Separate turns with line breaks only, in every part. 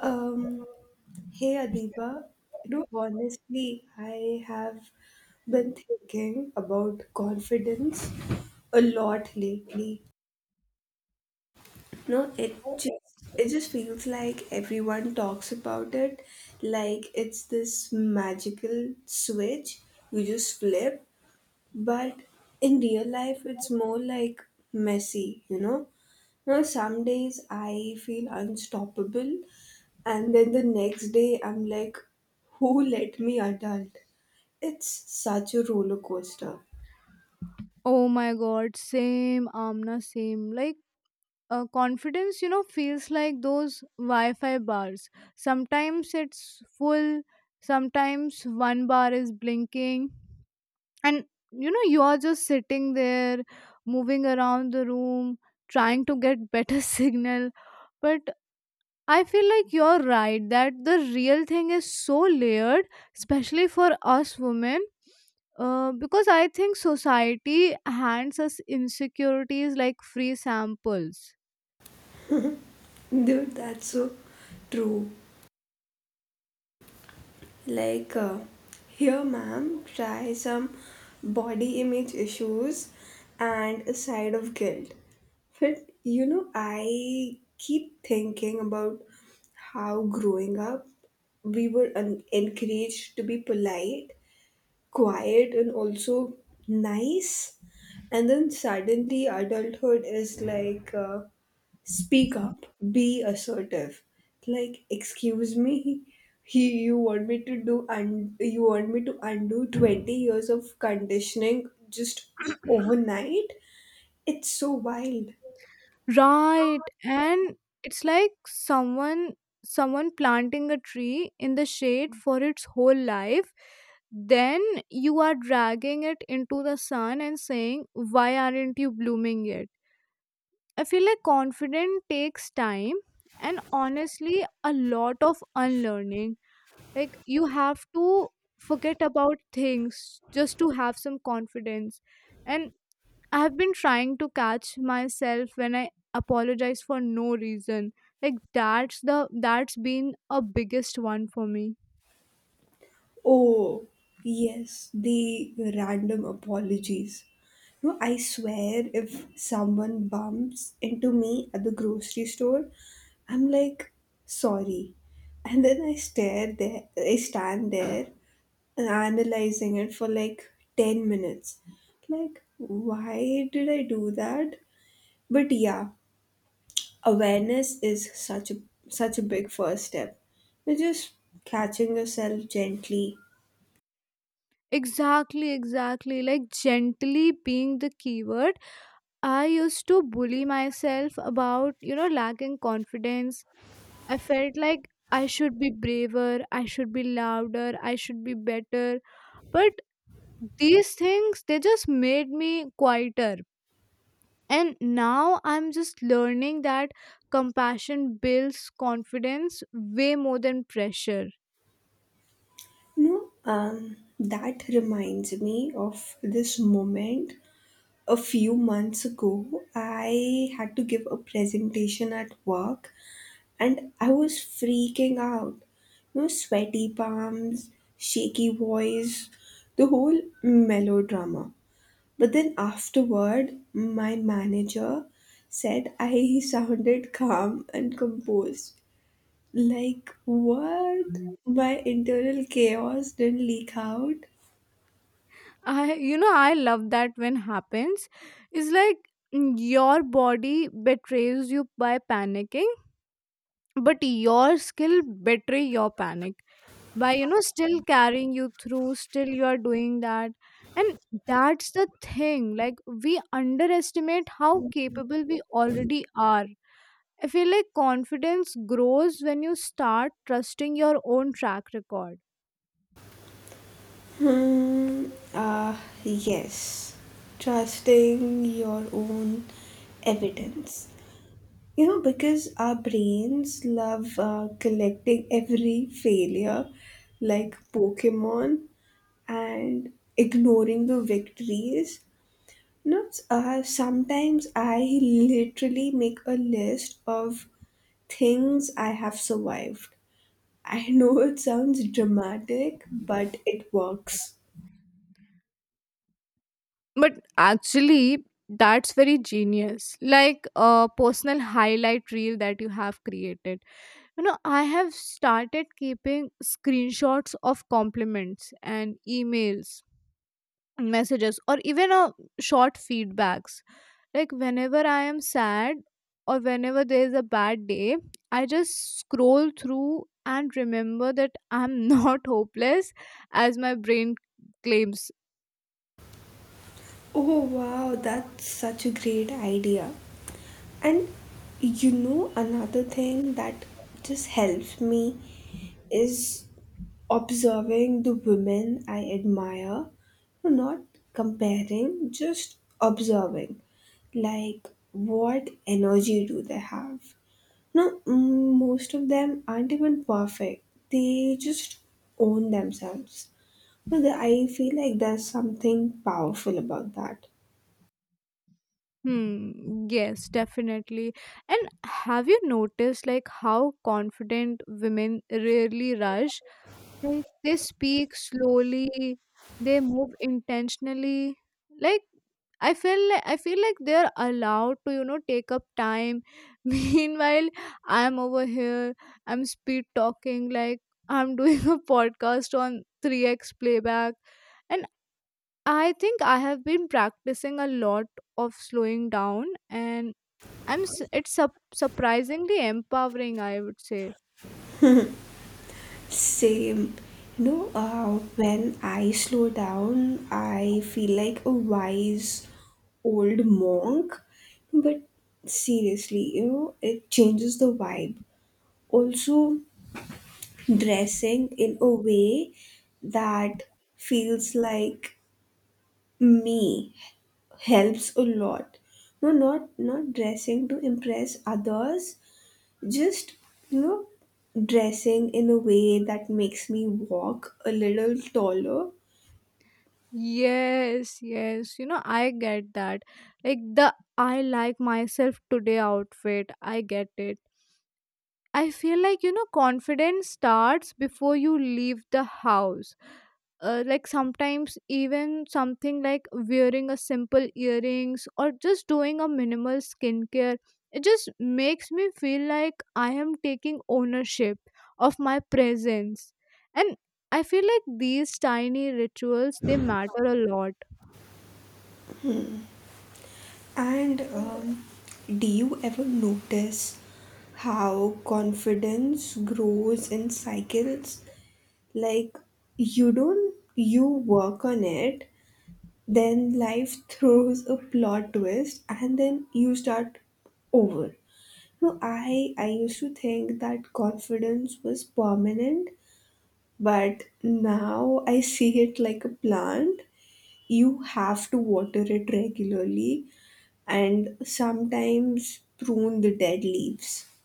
Um, Hey Adiba, honestly, I have been thinking about confidence a lot lately. No, it just feels like everyone talks about it like it's this magical switch you just flip, but in real life it's more like messy. Now some days I feel unstoppable and then the next day I'm like, who let me adult? It's such a roller coaster.
Oh my god, same Amna, same. Like confidence, you know, feels like those Wi-Fi bars. Sometimes it's full, sometimes one bar is blinking, and you know you are just sitting there, moving around the room, trying to get better signal. But I feel like you're right that the real thing is so layered, especially for us women. Because I think society hands us insecurities like free samples.
Dude, that's so true. like uh, Here ma'am, try some body image issues and a side of guilt. But I keep thinking about how growing up we were encouraged to be polite, quiet, and also nice. And then suddenly, adulthood is like, speak up, be assertive. Like, excuse me, he, you want me to do and you want me to undo 20 years of conditioning just overnight? It's so wild.
Right. And it's like someone planting a tree in the shade for its whole life, then you are dragging it into the sun and saying, why aren't you blooming yet? I feel like confidence takes time and honestly a lot of unlearning. Like you have to forget about things just to have some confidence. And I have been trying to catch myself when I apologize for no reason. Like that's been a biggest one for me.
Oh, yes, the random apologies. No, I swear if someone bumps into me at the grocery store, I'm like, sorry. And then I stand there and analyzing it for like 10 minutes. Like, why did I do that? But yeah, awareness is such a big first step. You're just catching yourself gently.
Exactly, exactly. Like gently being the keyword. I used to bully myself about, you know, lacking confidence. I felt like I should be braver, I should be louder, I should be better. But these things, they just made me quieter. And now I'm just learning that compassion builds confidence way more than pressure.
No, that reminds me of this moment. A few months ago, I had to give a presentation at work and I was freaking out. No, sweaty palms, shaky voice, the whole melodrama. But then afterward, my manager said I sounded calm and composed. Like, what? My internal chaos didn't leak out.
I, you know, I love that when happens. It's like your body betrays you by panicking, but your skill betray your panic by, you know, still carrying you through, still you are doing that. And that's the thing, like we underestimate how capable we already are. I feel like confidence grows when you start trusting your own track record.
Hmm. Ah, yes. Trusting your own evidence. You know, because our brains love collecting every failure like Pokemon and ignoring the victories. No, sometimes I literally make a list of things I have survived. I know it sounds dramatic, but it works.
But actually, that's very genius, like a personal highlight reel that you have created. You know, I have started keeping screenshots of compliments and emails, messages, or even a short feedbacks. Like whenever I am sad or whenever there is a bad day, I just scroll through and remember that I'm not hopeless, as my brain claims.
Oh wow, that's such a great idea. And another thing that just helps me is observing the women I admire. No, not comparing, just observing. Like, what energy do they have? No, most of them aren't even perfect. They just own themselves. But I feel like there's something powerful about that.
Hmm, yes, definitely. And have you noticed like how confident women rarely rush? Like they speak slowly, they move intentionally. Like I feel like they're allowed to, you know, take up time. Meanwhile, I'm over here, I'm speed talking, like I'm doing a podcast on 3x playback. And I think I have been practicing a lot of slowing down and I'm s- it's sup- surprisingly empowering, I would say.
Same. When I slow down, I feel like a wise old monk. But seriously, it changes the vibe. Also, dressing in a way that feels like me helps a lot. No, not dressing to impress others, just you know dressing in a way that makes me walk a little taller.
Yes, yes. You know, I get that. Like the "I like myself today" outfit, I get it. I feel like, you know, confidence starts before you leave the house. Like sometimes even something like wearing a simple earrings or just doing a minimal skincare, it just makes me feel like I am taking ownership of my presence. And I feel like these tiny rituals, they matter a lot.
And do you ever notice how confidence grows in cycles? Like, you don't you work on it, then life throws a plot twist and then you start over. No, I used to think that confidence was permanent, but now I see it like a plant. You have to water it regularly and sometimes prune the dead leaves.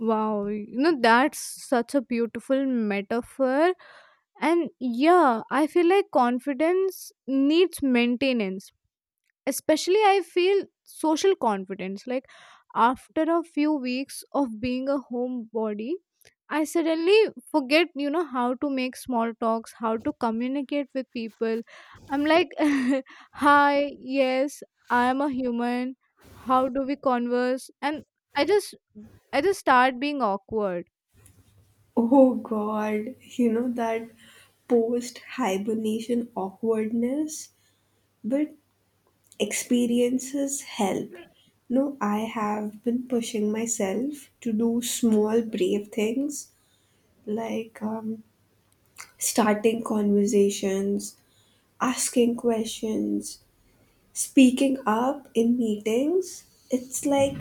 Wow, you know, that's such a beautiful metaphor. And yeah, I feel like confidence needs maintenance. Especially, I feel social confidence. Like, after a few weeks of being a homebody, I suddenly forget, you know, how to make small talks, how to communicate with people. I'm like, hi, yes, I am a human. How do we converse? And I just, I just start being awkward.
Oh god, you know that post hibernation awkwardness, but experiences help. No, I have been pushing myself to do small, brave things like, starting conversations, asking questions, speaking up in meetings. It's like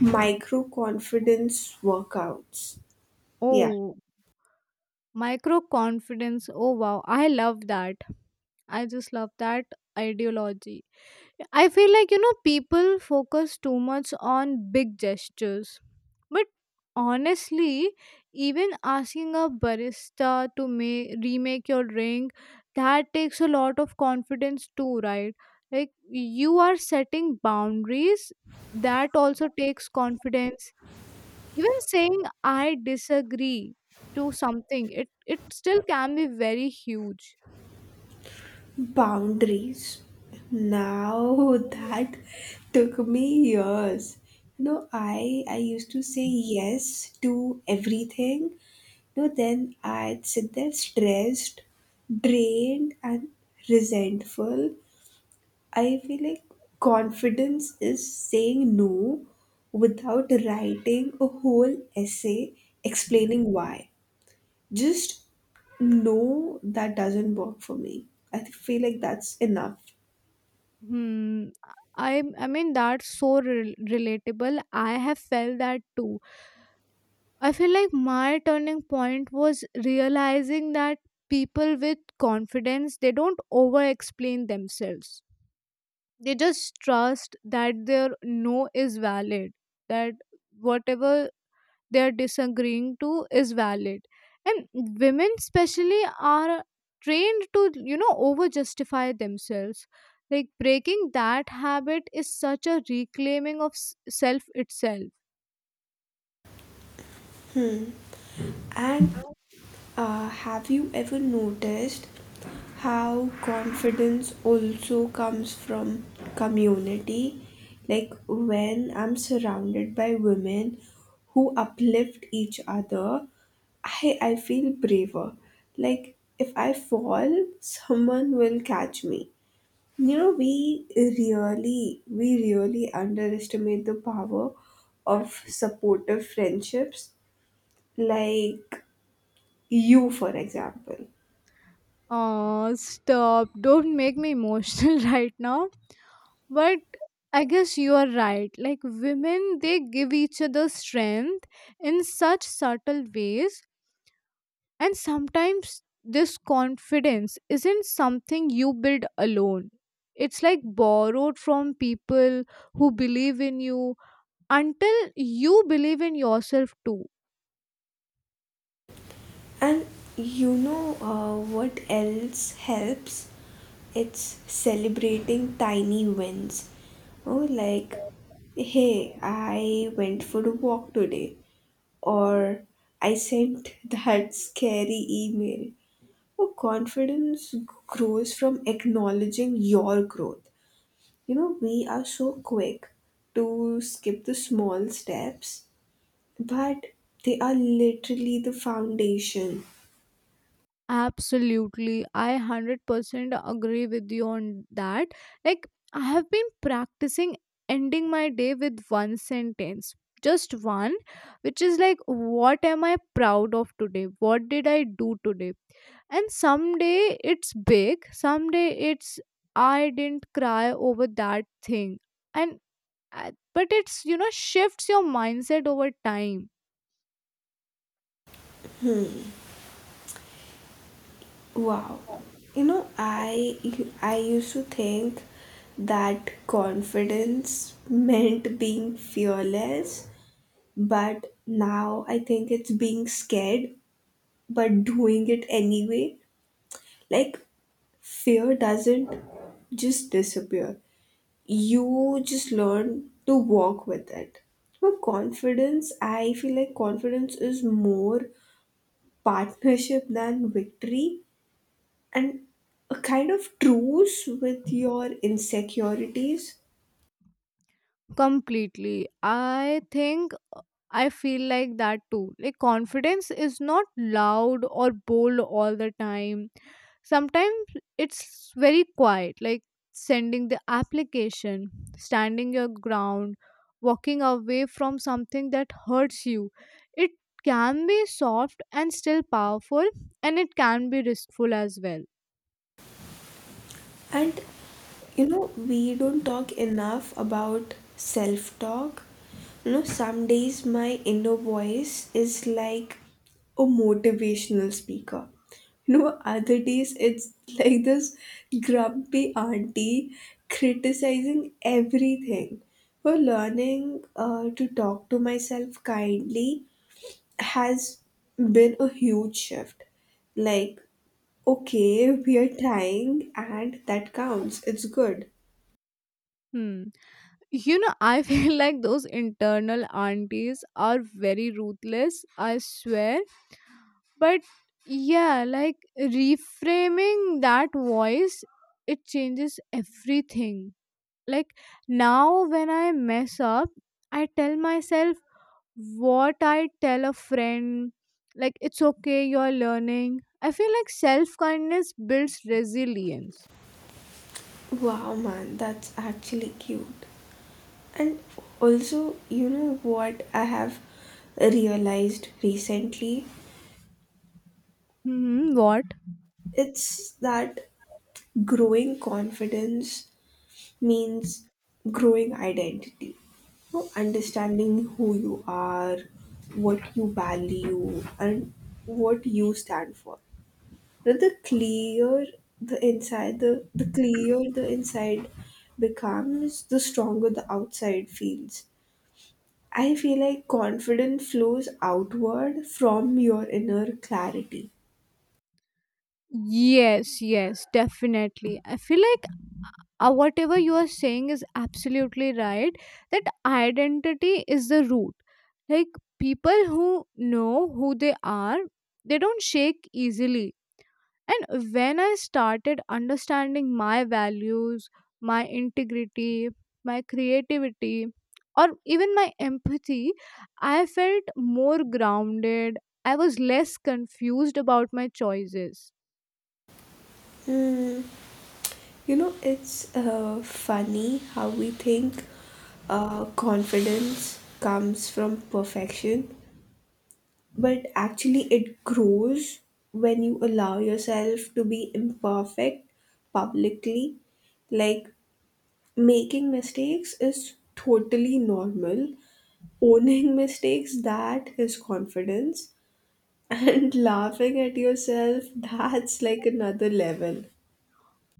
micro confidence workouts. Yeah,
Oh, micro confidence. Oh wow, I love that. I just love that ideology. I feel like, you know, people focus too much on big gestures. But honestly, even asking a barista to remake your drink, that takes a lot of confidence too, right? Like, you are setting boundaries. That also takes confidence, even saying I disagree to something, it still can be very huge.
boundaries. Now that took me years. You know, I used to say yes to everything. No, then I'd sit there stressed, drained, and resentful. I feel like confidence is saying no without writing a whole essay explaining why. Just no, that doesn't work for me. I feel like that's enough.
Hmm. I I mean that's so relatable. I have felt that too. I feel like my turning point was realizing that people with confidence, they don't over explain themselves. They just trust that their no is valid. That whatever they are disagreeing to is valid. And women especially are trained to, you know, over justify themselves. Like breaking that habit is such a reclaiming of self itself.
And have you ever noticed how confidence also comes from community? Like, when I'm surrounded by women who uplift each other, I feel braver. Like if I fall, someone will catch me. You know, we really underestimate the power of supportive friendships, like you, for example.
Oh stop, don't make me emotional right now. But I guess you are right, like women, they give each other strength in such subtle ways. And sometimes this confidence isn't something you build alone. It's like borrowed from people who believe in you until you believe in yourself too.
And what else helps? It's celebrating tiny wins. Oh, like, hey, I went for a walk today. Or I sent that scary email. Oh, confidence grows from acknowledging your growth. You know, we are so quick to skip the small steps, but they are literally the foundation.
Absolutely. I 100% agree with you on that. Like, I have been practicing ending my day with one sentence, just one, which is like, what am I proud of today? What did I do today? And someday it's big, someday it's, I didn't cry over that thing. And, but it's, you know, shifts your mindset over time
Wow. You know, I used to think that confidence meant being fearless, but now I think it's being scared but doing it anyway. Like, fear doesn't just disappear. You just learn to walk with it. But confidence, I feel like confidence is more partnership than victory, and a kind of truce with your insecurities.
completely, I think. I feel like that too. Like confidence is not loud or bold all the time. Sometimes it's very quiet, like sending the application, standing your ground, walking away from something that hurts you. It can be soft and still powerful, and it can be riskful as well.
And you know, we don't talk enough about self talk. You know, some days my inner voice is like a motivational speaker. You know, other days it's like this grumpy auntie criticizing everything. For learning to talk to myself kindly has been a huge shift. Like, okay, we are trying and that counts. It's good.
Hmm. You know, I feel like those internal aunties are very ruthless, I swear. But yeah, like reframing that voice, it changes everything. Like now, when I mess up, I tell myself what I tell a friend, like it's okay, you're learning. I feel like self kindness builds resilience.
Wow, man, that's actually cute. And also, you know what I have realized recently?
Hmm, what?
It's that growing confidence means growing identity. So understanding who you are, what you value, and what you stand for. But the clear the inside, the clear the inside becomes, the stronger the outside feels. I feel like confidence flows outward from your inner clarity.
Yes, yes, definitely. I feel like whatever you are saying is absolutely right. That identity is the root. Like people who know who they are, they don't shake easily. And when I started understanding my values, my integrity, my creativity, or even my empathy, I felt more grounded. I was less confused about my choices.
Hmm. You know, it's funny how we think confidence comes from perfection, but actually, it grows when you allow yourself to be imperfect publicly. Like, making mistakes is totally normal. Owning mistakes, that is confidence. And laughing at yourself, that's like another level.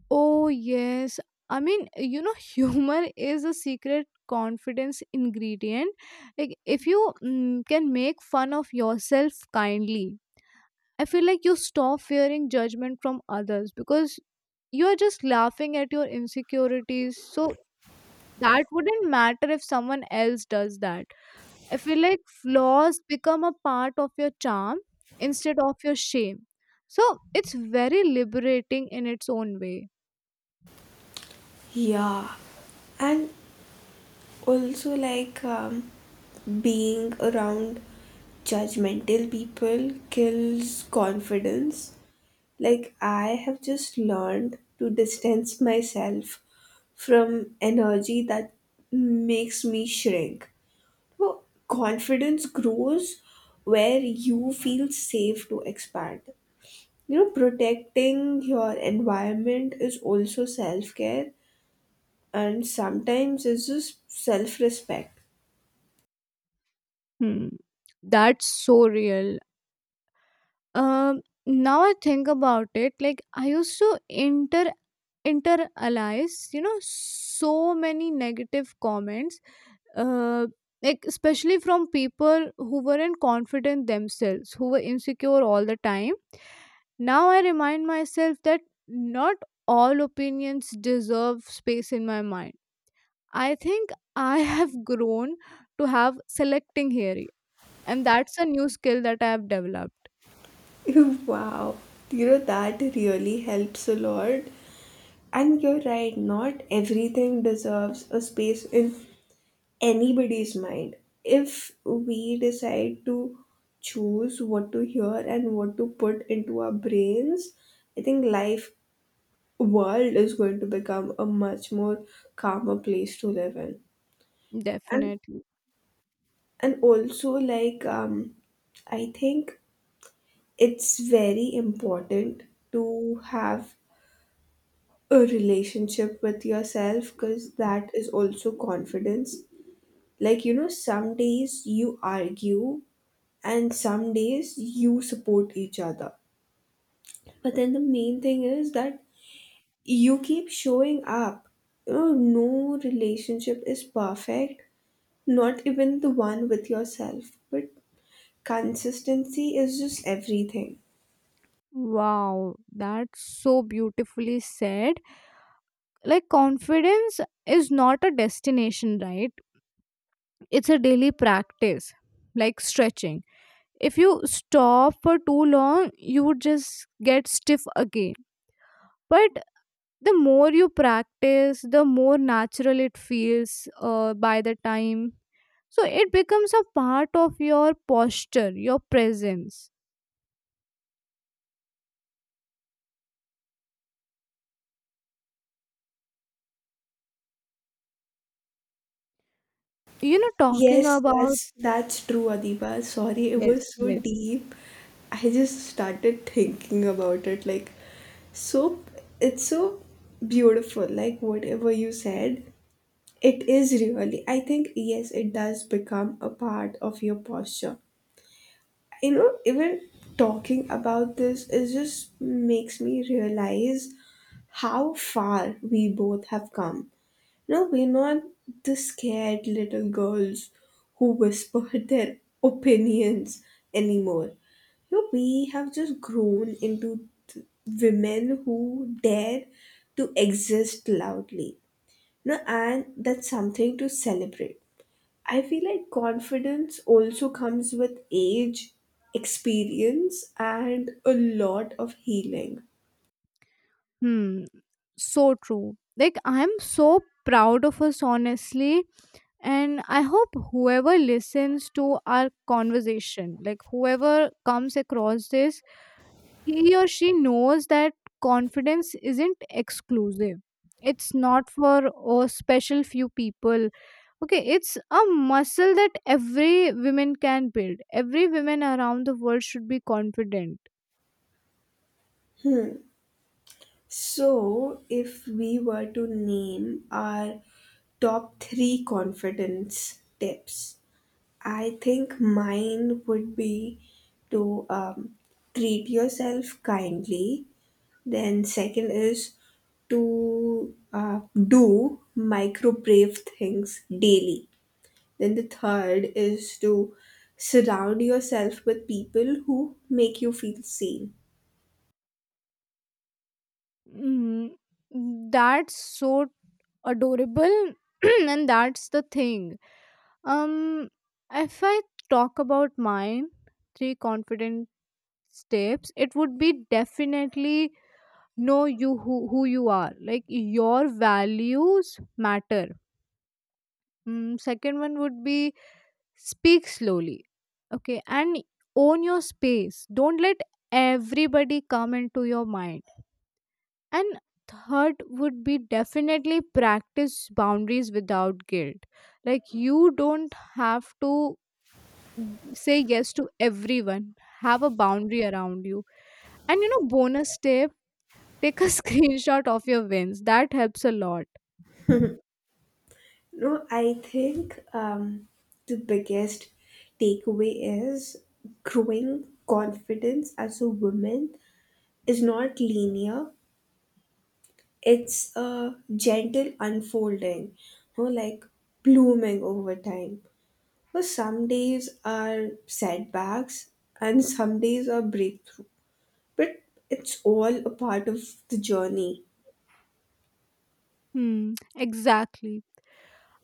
Oh, yes. I mean, you know, humor is a secret confidence ingredient. Like, if you can make fun of yourself kindly, I feel like you stop fearing judgment from others because you are just laughing at your insecurities. So, that wouldn't matter if someone else does that. I feel like flaws become a part of your charm instead of your shame. So, it's very liberating in its own way.
Yeah. And also, like, being around judgmental people kills confidence. Like, I have just learned to distance myself from energy that makes me shrink. Well, confidence grows where you feel safe to expand. You know, protecting your environment is also self care, and sometimes it's just self respect.
Hmm. That's so real. Um, Now I think about it, like I used to internalize, you know, so many negative comments, uh, like especially from people who weren't confident themselves, who were insecure all the time. Now I remind myself that not all opinions deserve space in my mind. I think I have grown to have selecting hearing, and that's a new skill that I have developed.
Wow, you know, that really helps a lot. And you're right, not everything deserves a space in anybody's mind. If we decide to choose what to hear and what to put into our brains, I think life, world is going to become a much more calmer place to live in. And
Definitely.
also, like, I think it's very important to have a relationship with yourself, because that is also confidence. Like, you know, some days you argue and some days you support each other, but then the main thing is that you keep showing up. You know, no relationship is perfect, not even the one with yourself, but consistency is just everything.
Wow, that's so beautifully said. Like, confidence is not a destination, right? It's a daily practice, like stretching. If you stop for too long, you would just get stiff again. But the more you practice, the more natural it feels by the time. So, it becomes a part of your posture, your presence. You know, talking
Yes,
about.
that's true, Adiba, sorry it
Yes,
was so
yes.
deep. I just started thinking about it like, so it's so beautiful, like whatever you said. It is really. I think, yes, it does become a part of your posture. You know, even talking about this, it just makes me realize how far we both have come. You know, we're not the scared little girls who whisper their opinions anymore. You know, we have just grown into women who dare to exist loudly. No, and that's something to celebrate. I feel like confidence also comes with age, experience, and a lot of healing.
Hmm. So true. Like I'm so proud of us honestly, and I hope whoever listens to our conversation, like whoever comes across this, he or she knows that confidence isn't exclusive. It's not for a special few people. Okay, it's a muscle that every woman can build. Every woman around the world should be confident.
So, if we were to name our top three confidence tips, I think mine would be to treat yourself kindly. Then second is to do micro brave things daily. Then the third is to surround yourself with people who make you feel seen.
Mm, that's so adorable. And that's the thing, um if I talk about mine three confident steps, it would be definitely know you who you are, like your values matter. Second one would be speak slowly, okay, and own your space, don't let everybody come into your mind. And third would be definitely practice boundaries without guilt. Like you don't have to say yes to everyone. Have a boundary around you. And you know, bonus tip, take a screenshot of your wins. That helps a lot.
No, I think the biggest takeaway is growing confidence as a woman is not linear. It's a gentle unfolding, you know, like blooming over time. But some days are setbacks and some days are breakthrough. But it's all a part of the journey.
Hmm, exactly.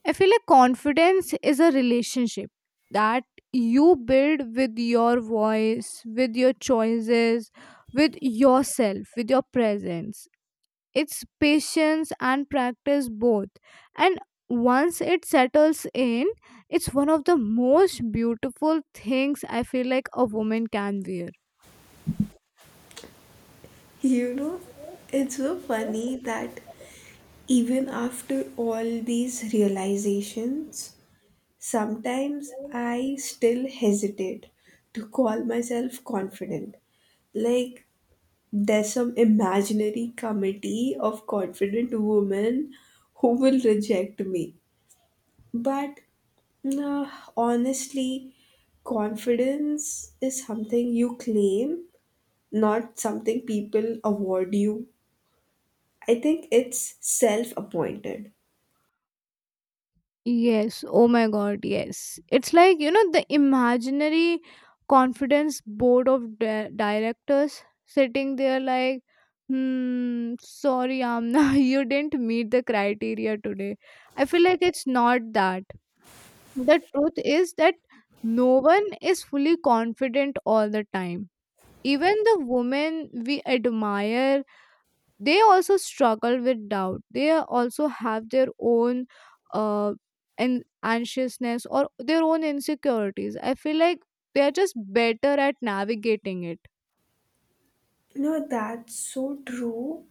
I feel like confidence is a relationship that you build with your voice, with your choices, with yourself, with your presence. It's patience and practice both. And once it settles in, it's one of the most beautiful things, I feel, like a woman can wear.
You know, it's so funny that even after all these realizations, sometimes I still hesitate to call myself confident. Like, there's some imaginary committee of confident women who will reject me. But nah, honestly, confidence is something you claim, not something people award you. I think it's self appointed.
Yes, oh my god, yes. It's like, you know, the imaginary confidence board of directors sitting there like, hmm, sorry Amna, you didn't meet the criteria today. I feel like it's not that. The truth is that no one is fully confident all the time. Even the women we admire, they also struggle with doubt, they also have their own uh an anxiousness or their own insecurities. I feel like they are just better at navigating it.
No, that's so true.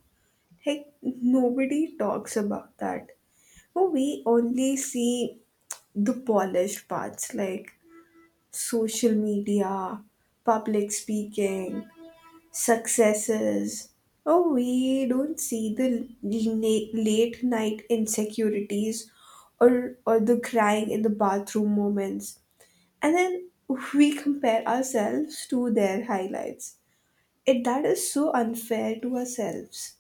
Like, nobody talks about that. Oh, we only see the polished parts, like social media, public speaking, successes. Oh, we don't see the late night insecurities, or the crying in the bathroom moments. And then we compare ourselves to their highlights. That is so unfair to ourselves.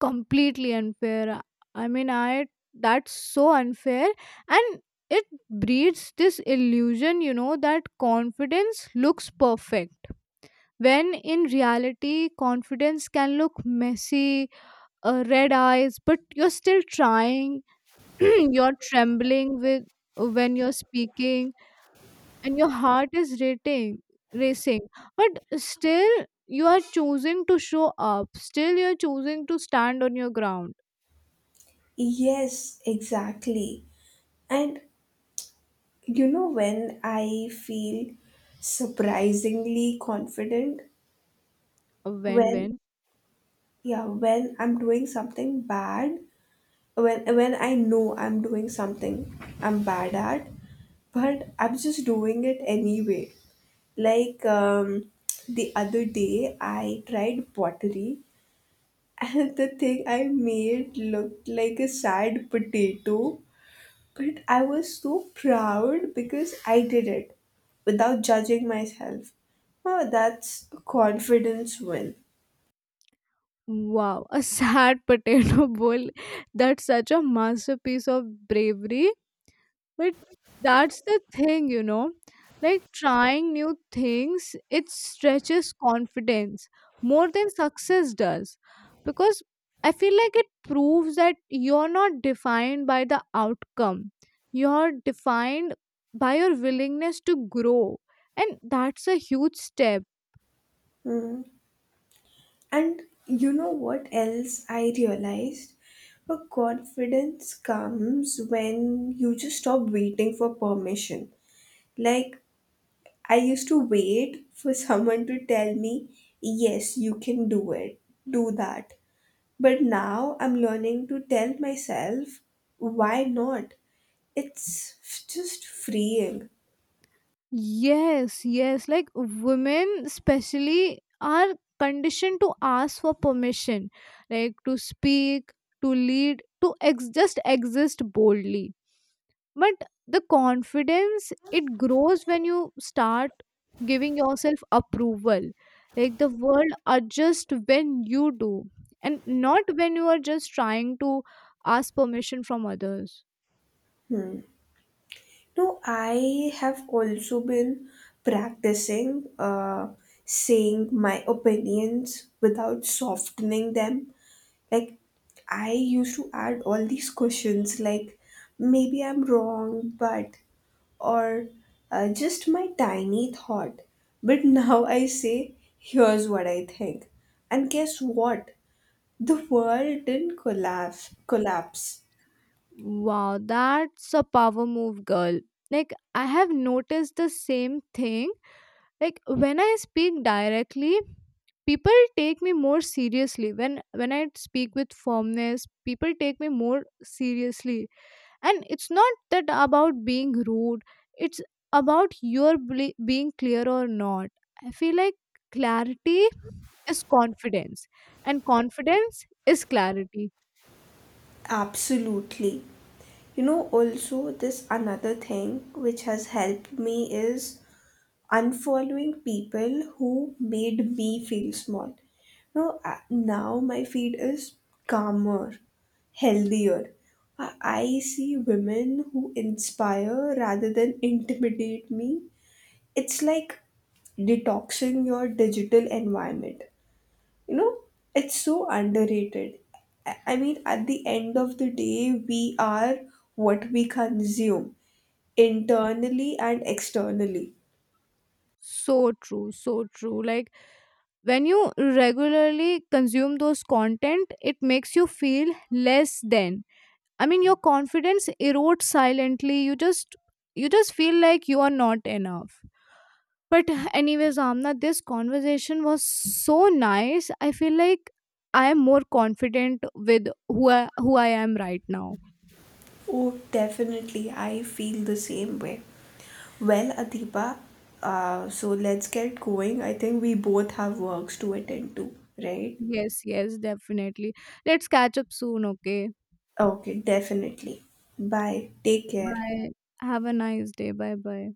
Completely unfair. I mean i that's so unfair. And it breeds this illusion, you know, that confidence looks perfect, when in reality confidence can look messy. Red eyes, but you're still trying. You're trembling with, when you're speaking, and your heart is rating racing, but still you are choosing to show up, still you're choosing to stand on your ground.
Yes, exactly. And you know when I feel surprisingly confident,
A
when
win-win.
yeah, when I'm doing something bad, when I know I'm doing something I'm bad at, but I'm just doing it anyway. Like, the other day, I tried pottery, and the thing I made looked like a sad potato. But I was so proud because I did it without judging myself. Oh, that's a confidence win.
Wow, a sad potato bowl, that's such a masterpiece of bravery. But that's the thing, you know, like trying new things, it stretches confidence more than success does. Because I feel like it proves that you're not defined by the outcome, you're defined by your willingness to grow. And that's a huge step.
Hmm. And you know what else I realized? Her confidence comes when you just stop waiting for permission. Like, I used to wait for someone to tell me, yes, you can do it, do that. But now I'm learning to tell myself, why not? It's just freeing.
Yes, yes. Like women, especially, are conditioned to ask for permission, like to speak, to lead, to just exist boldly. But the confidence, it grows when you start giving yourself approval. Like the world adjusts when you do, and not when you are just trying to ask permission from others.
Hmm. No, I have also been practicing saying my opinions without softening them. Like, I used to add all these questions, like, maybe I'm wrong, but, or just my tiny thought. But now I say, here's what I think. And guess what? The world didn't collapse. Collapse.
Wow, that's a power move, girl. Like, I have noticed the same thing. Like, when I speak directly, people take me more seriously. When I speak with firmness, people take me more seriously. And it's not that about being rude. It's about your being clear or not. I feel like clarity is confidence, and confidence is clarity.
Absolutely. You know, also, this another thing which has helped me is unfollowing people who made me feel small. No, now my feed is calmer, healthier. I see women who inspire rather than intimidate me. It's like detoxing your digital environment. You know, it's so underrated. I mean, at the end of the day, we are what we consume, internally and externally.
So true, so true. Like when you regularly consume those content, it makes you feel less than. I mean, your confidence erodes silently. You just feel like you are not enough. But anyways, Amna, this conversation was so nice. I feel like I am more confident with who I am right now.
Oh definitely, I feel the same way. Well Adipa, so let's get going, I think we both have works to attend to, right?
Yes, yes, definitely. Let's catch up soon, okay?
Okay, definitely. Bye, take care.
Bye. Have a nice day. Bye bye.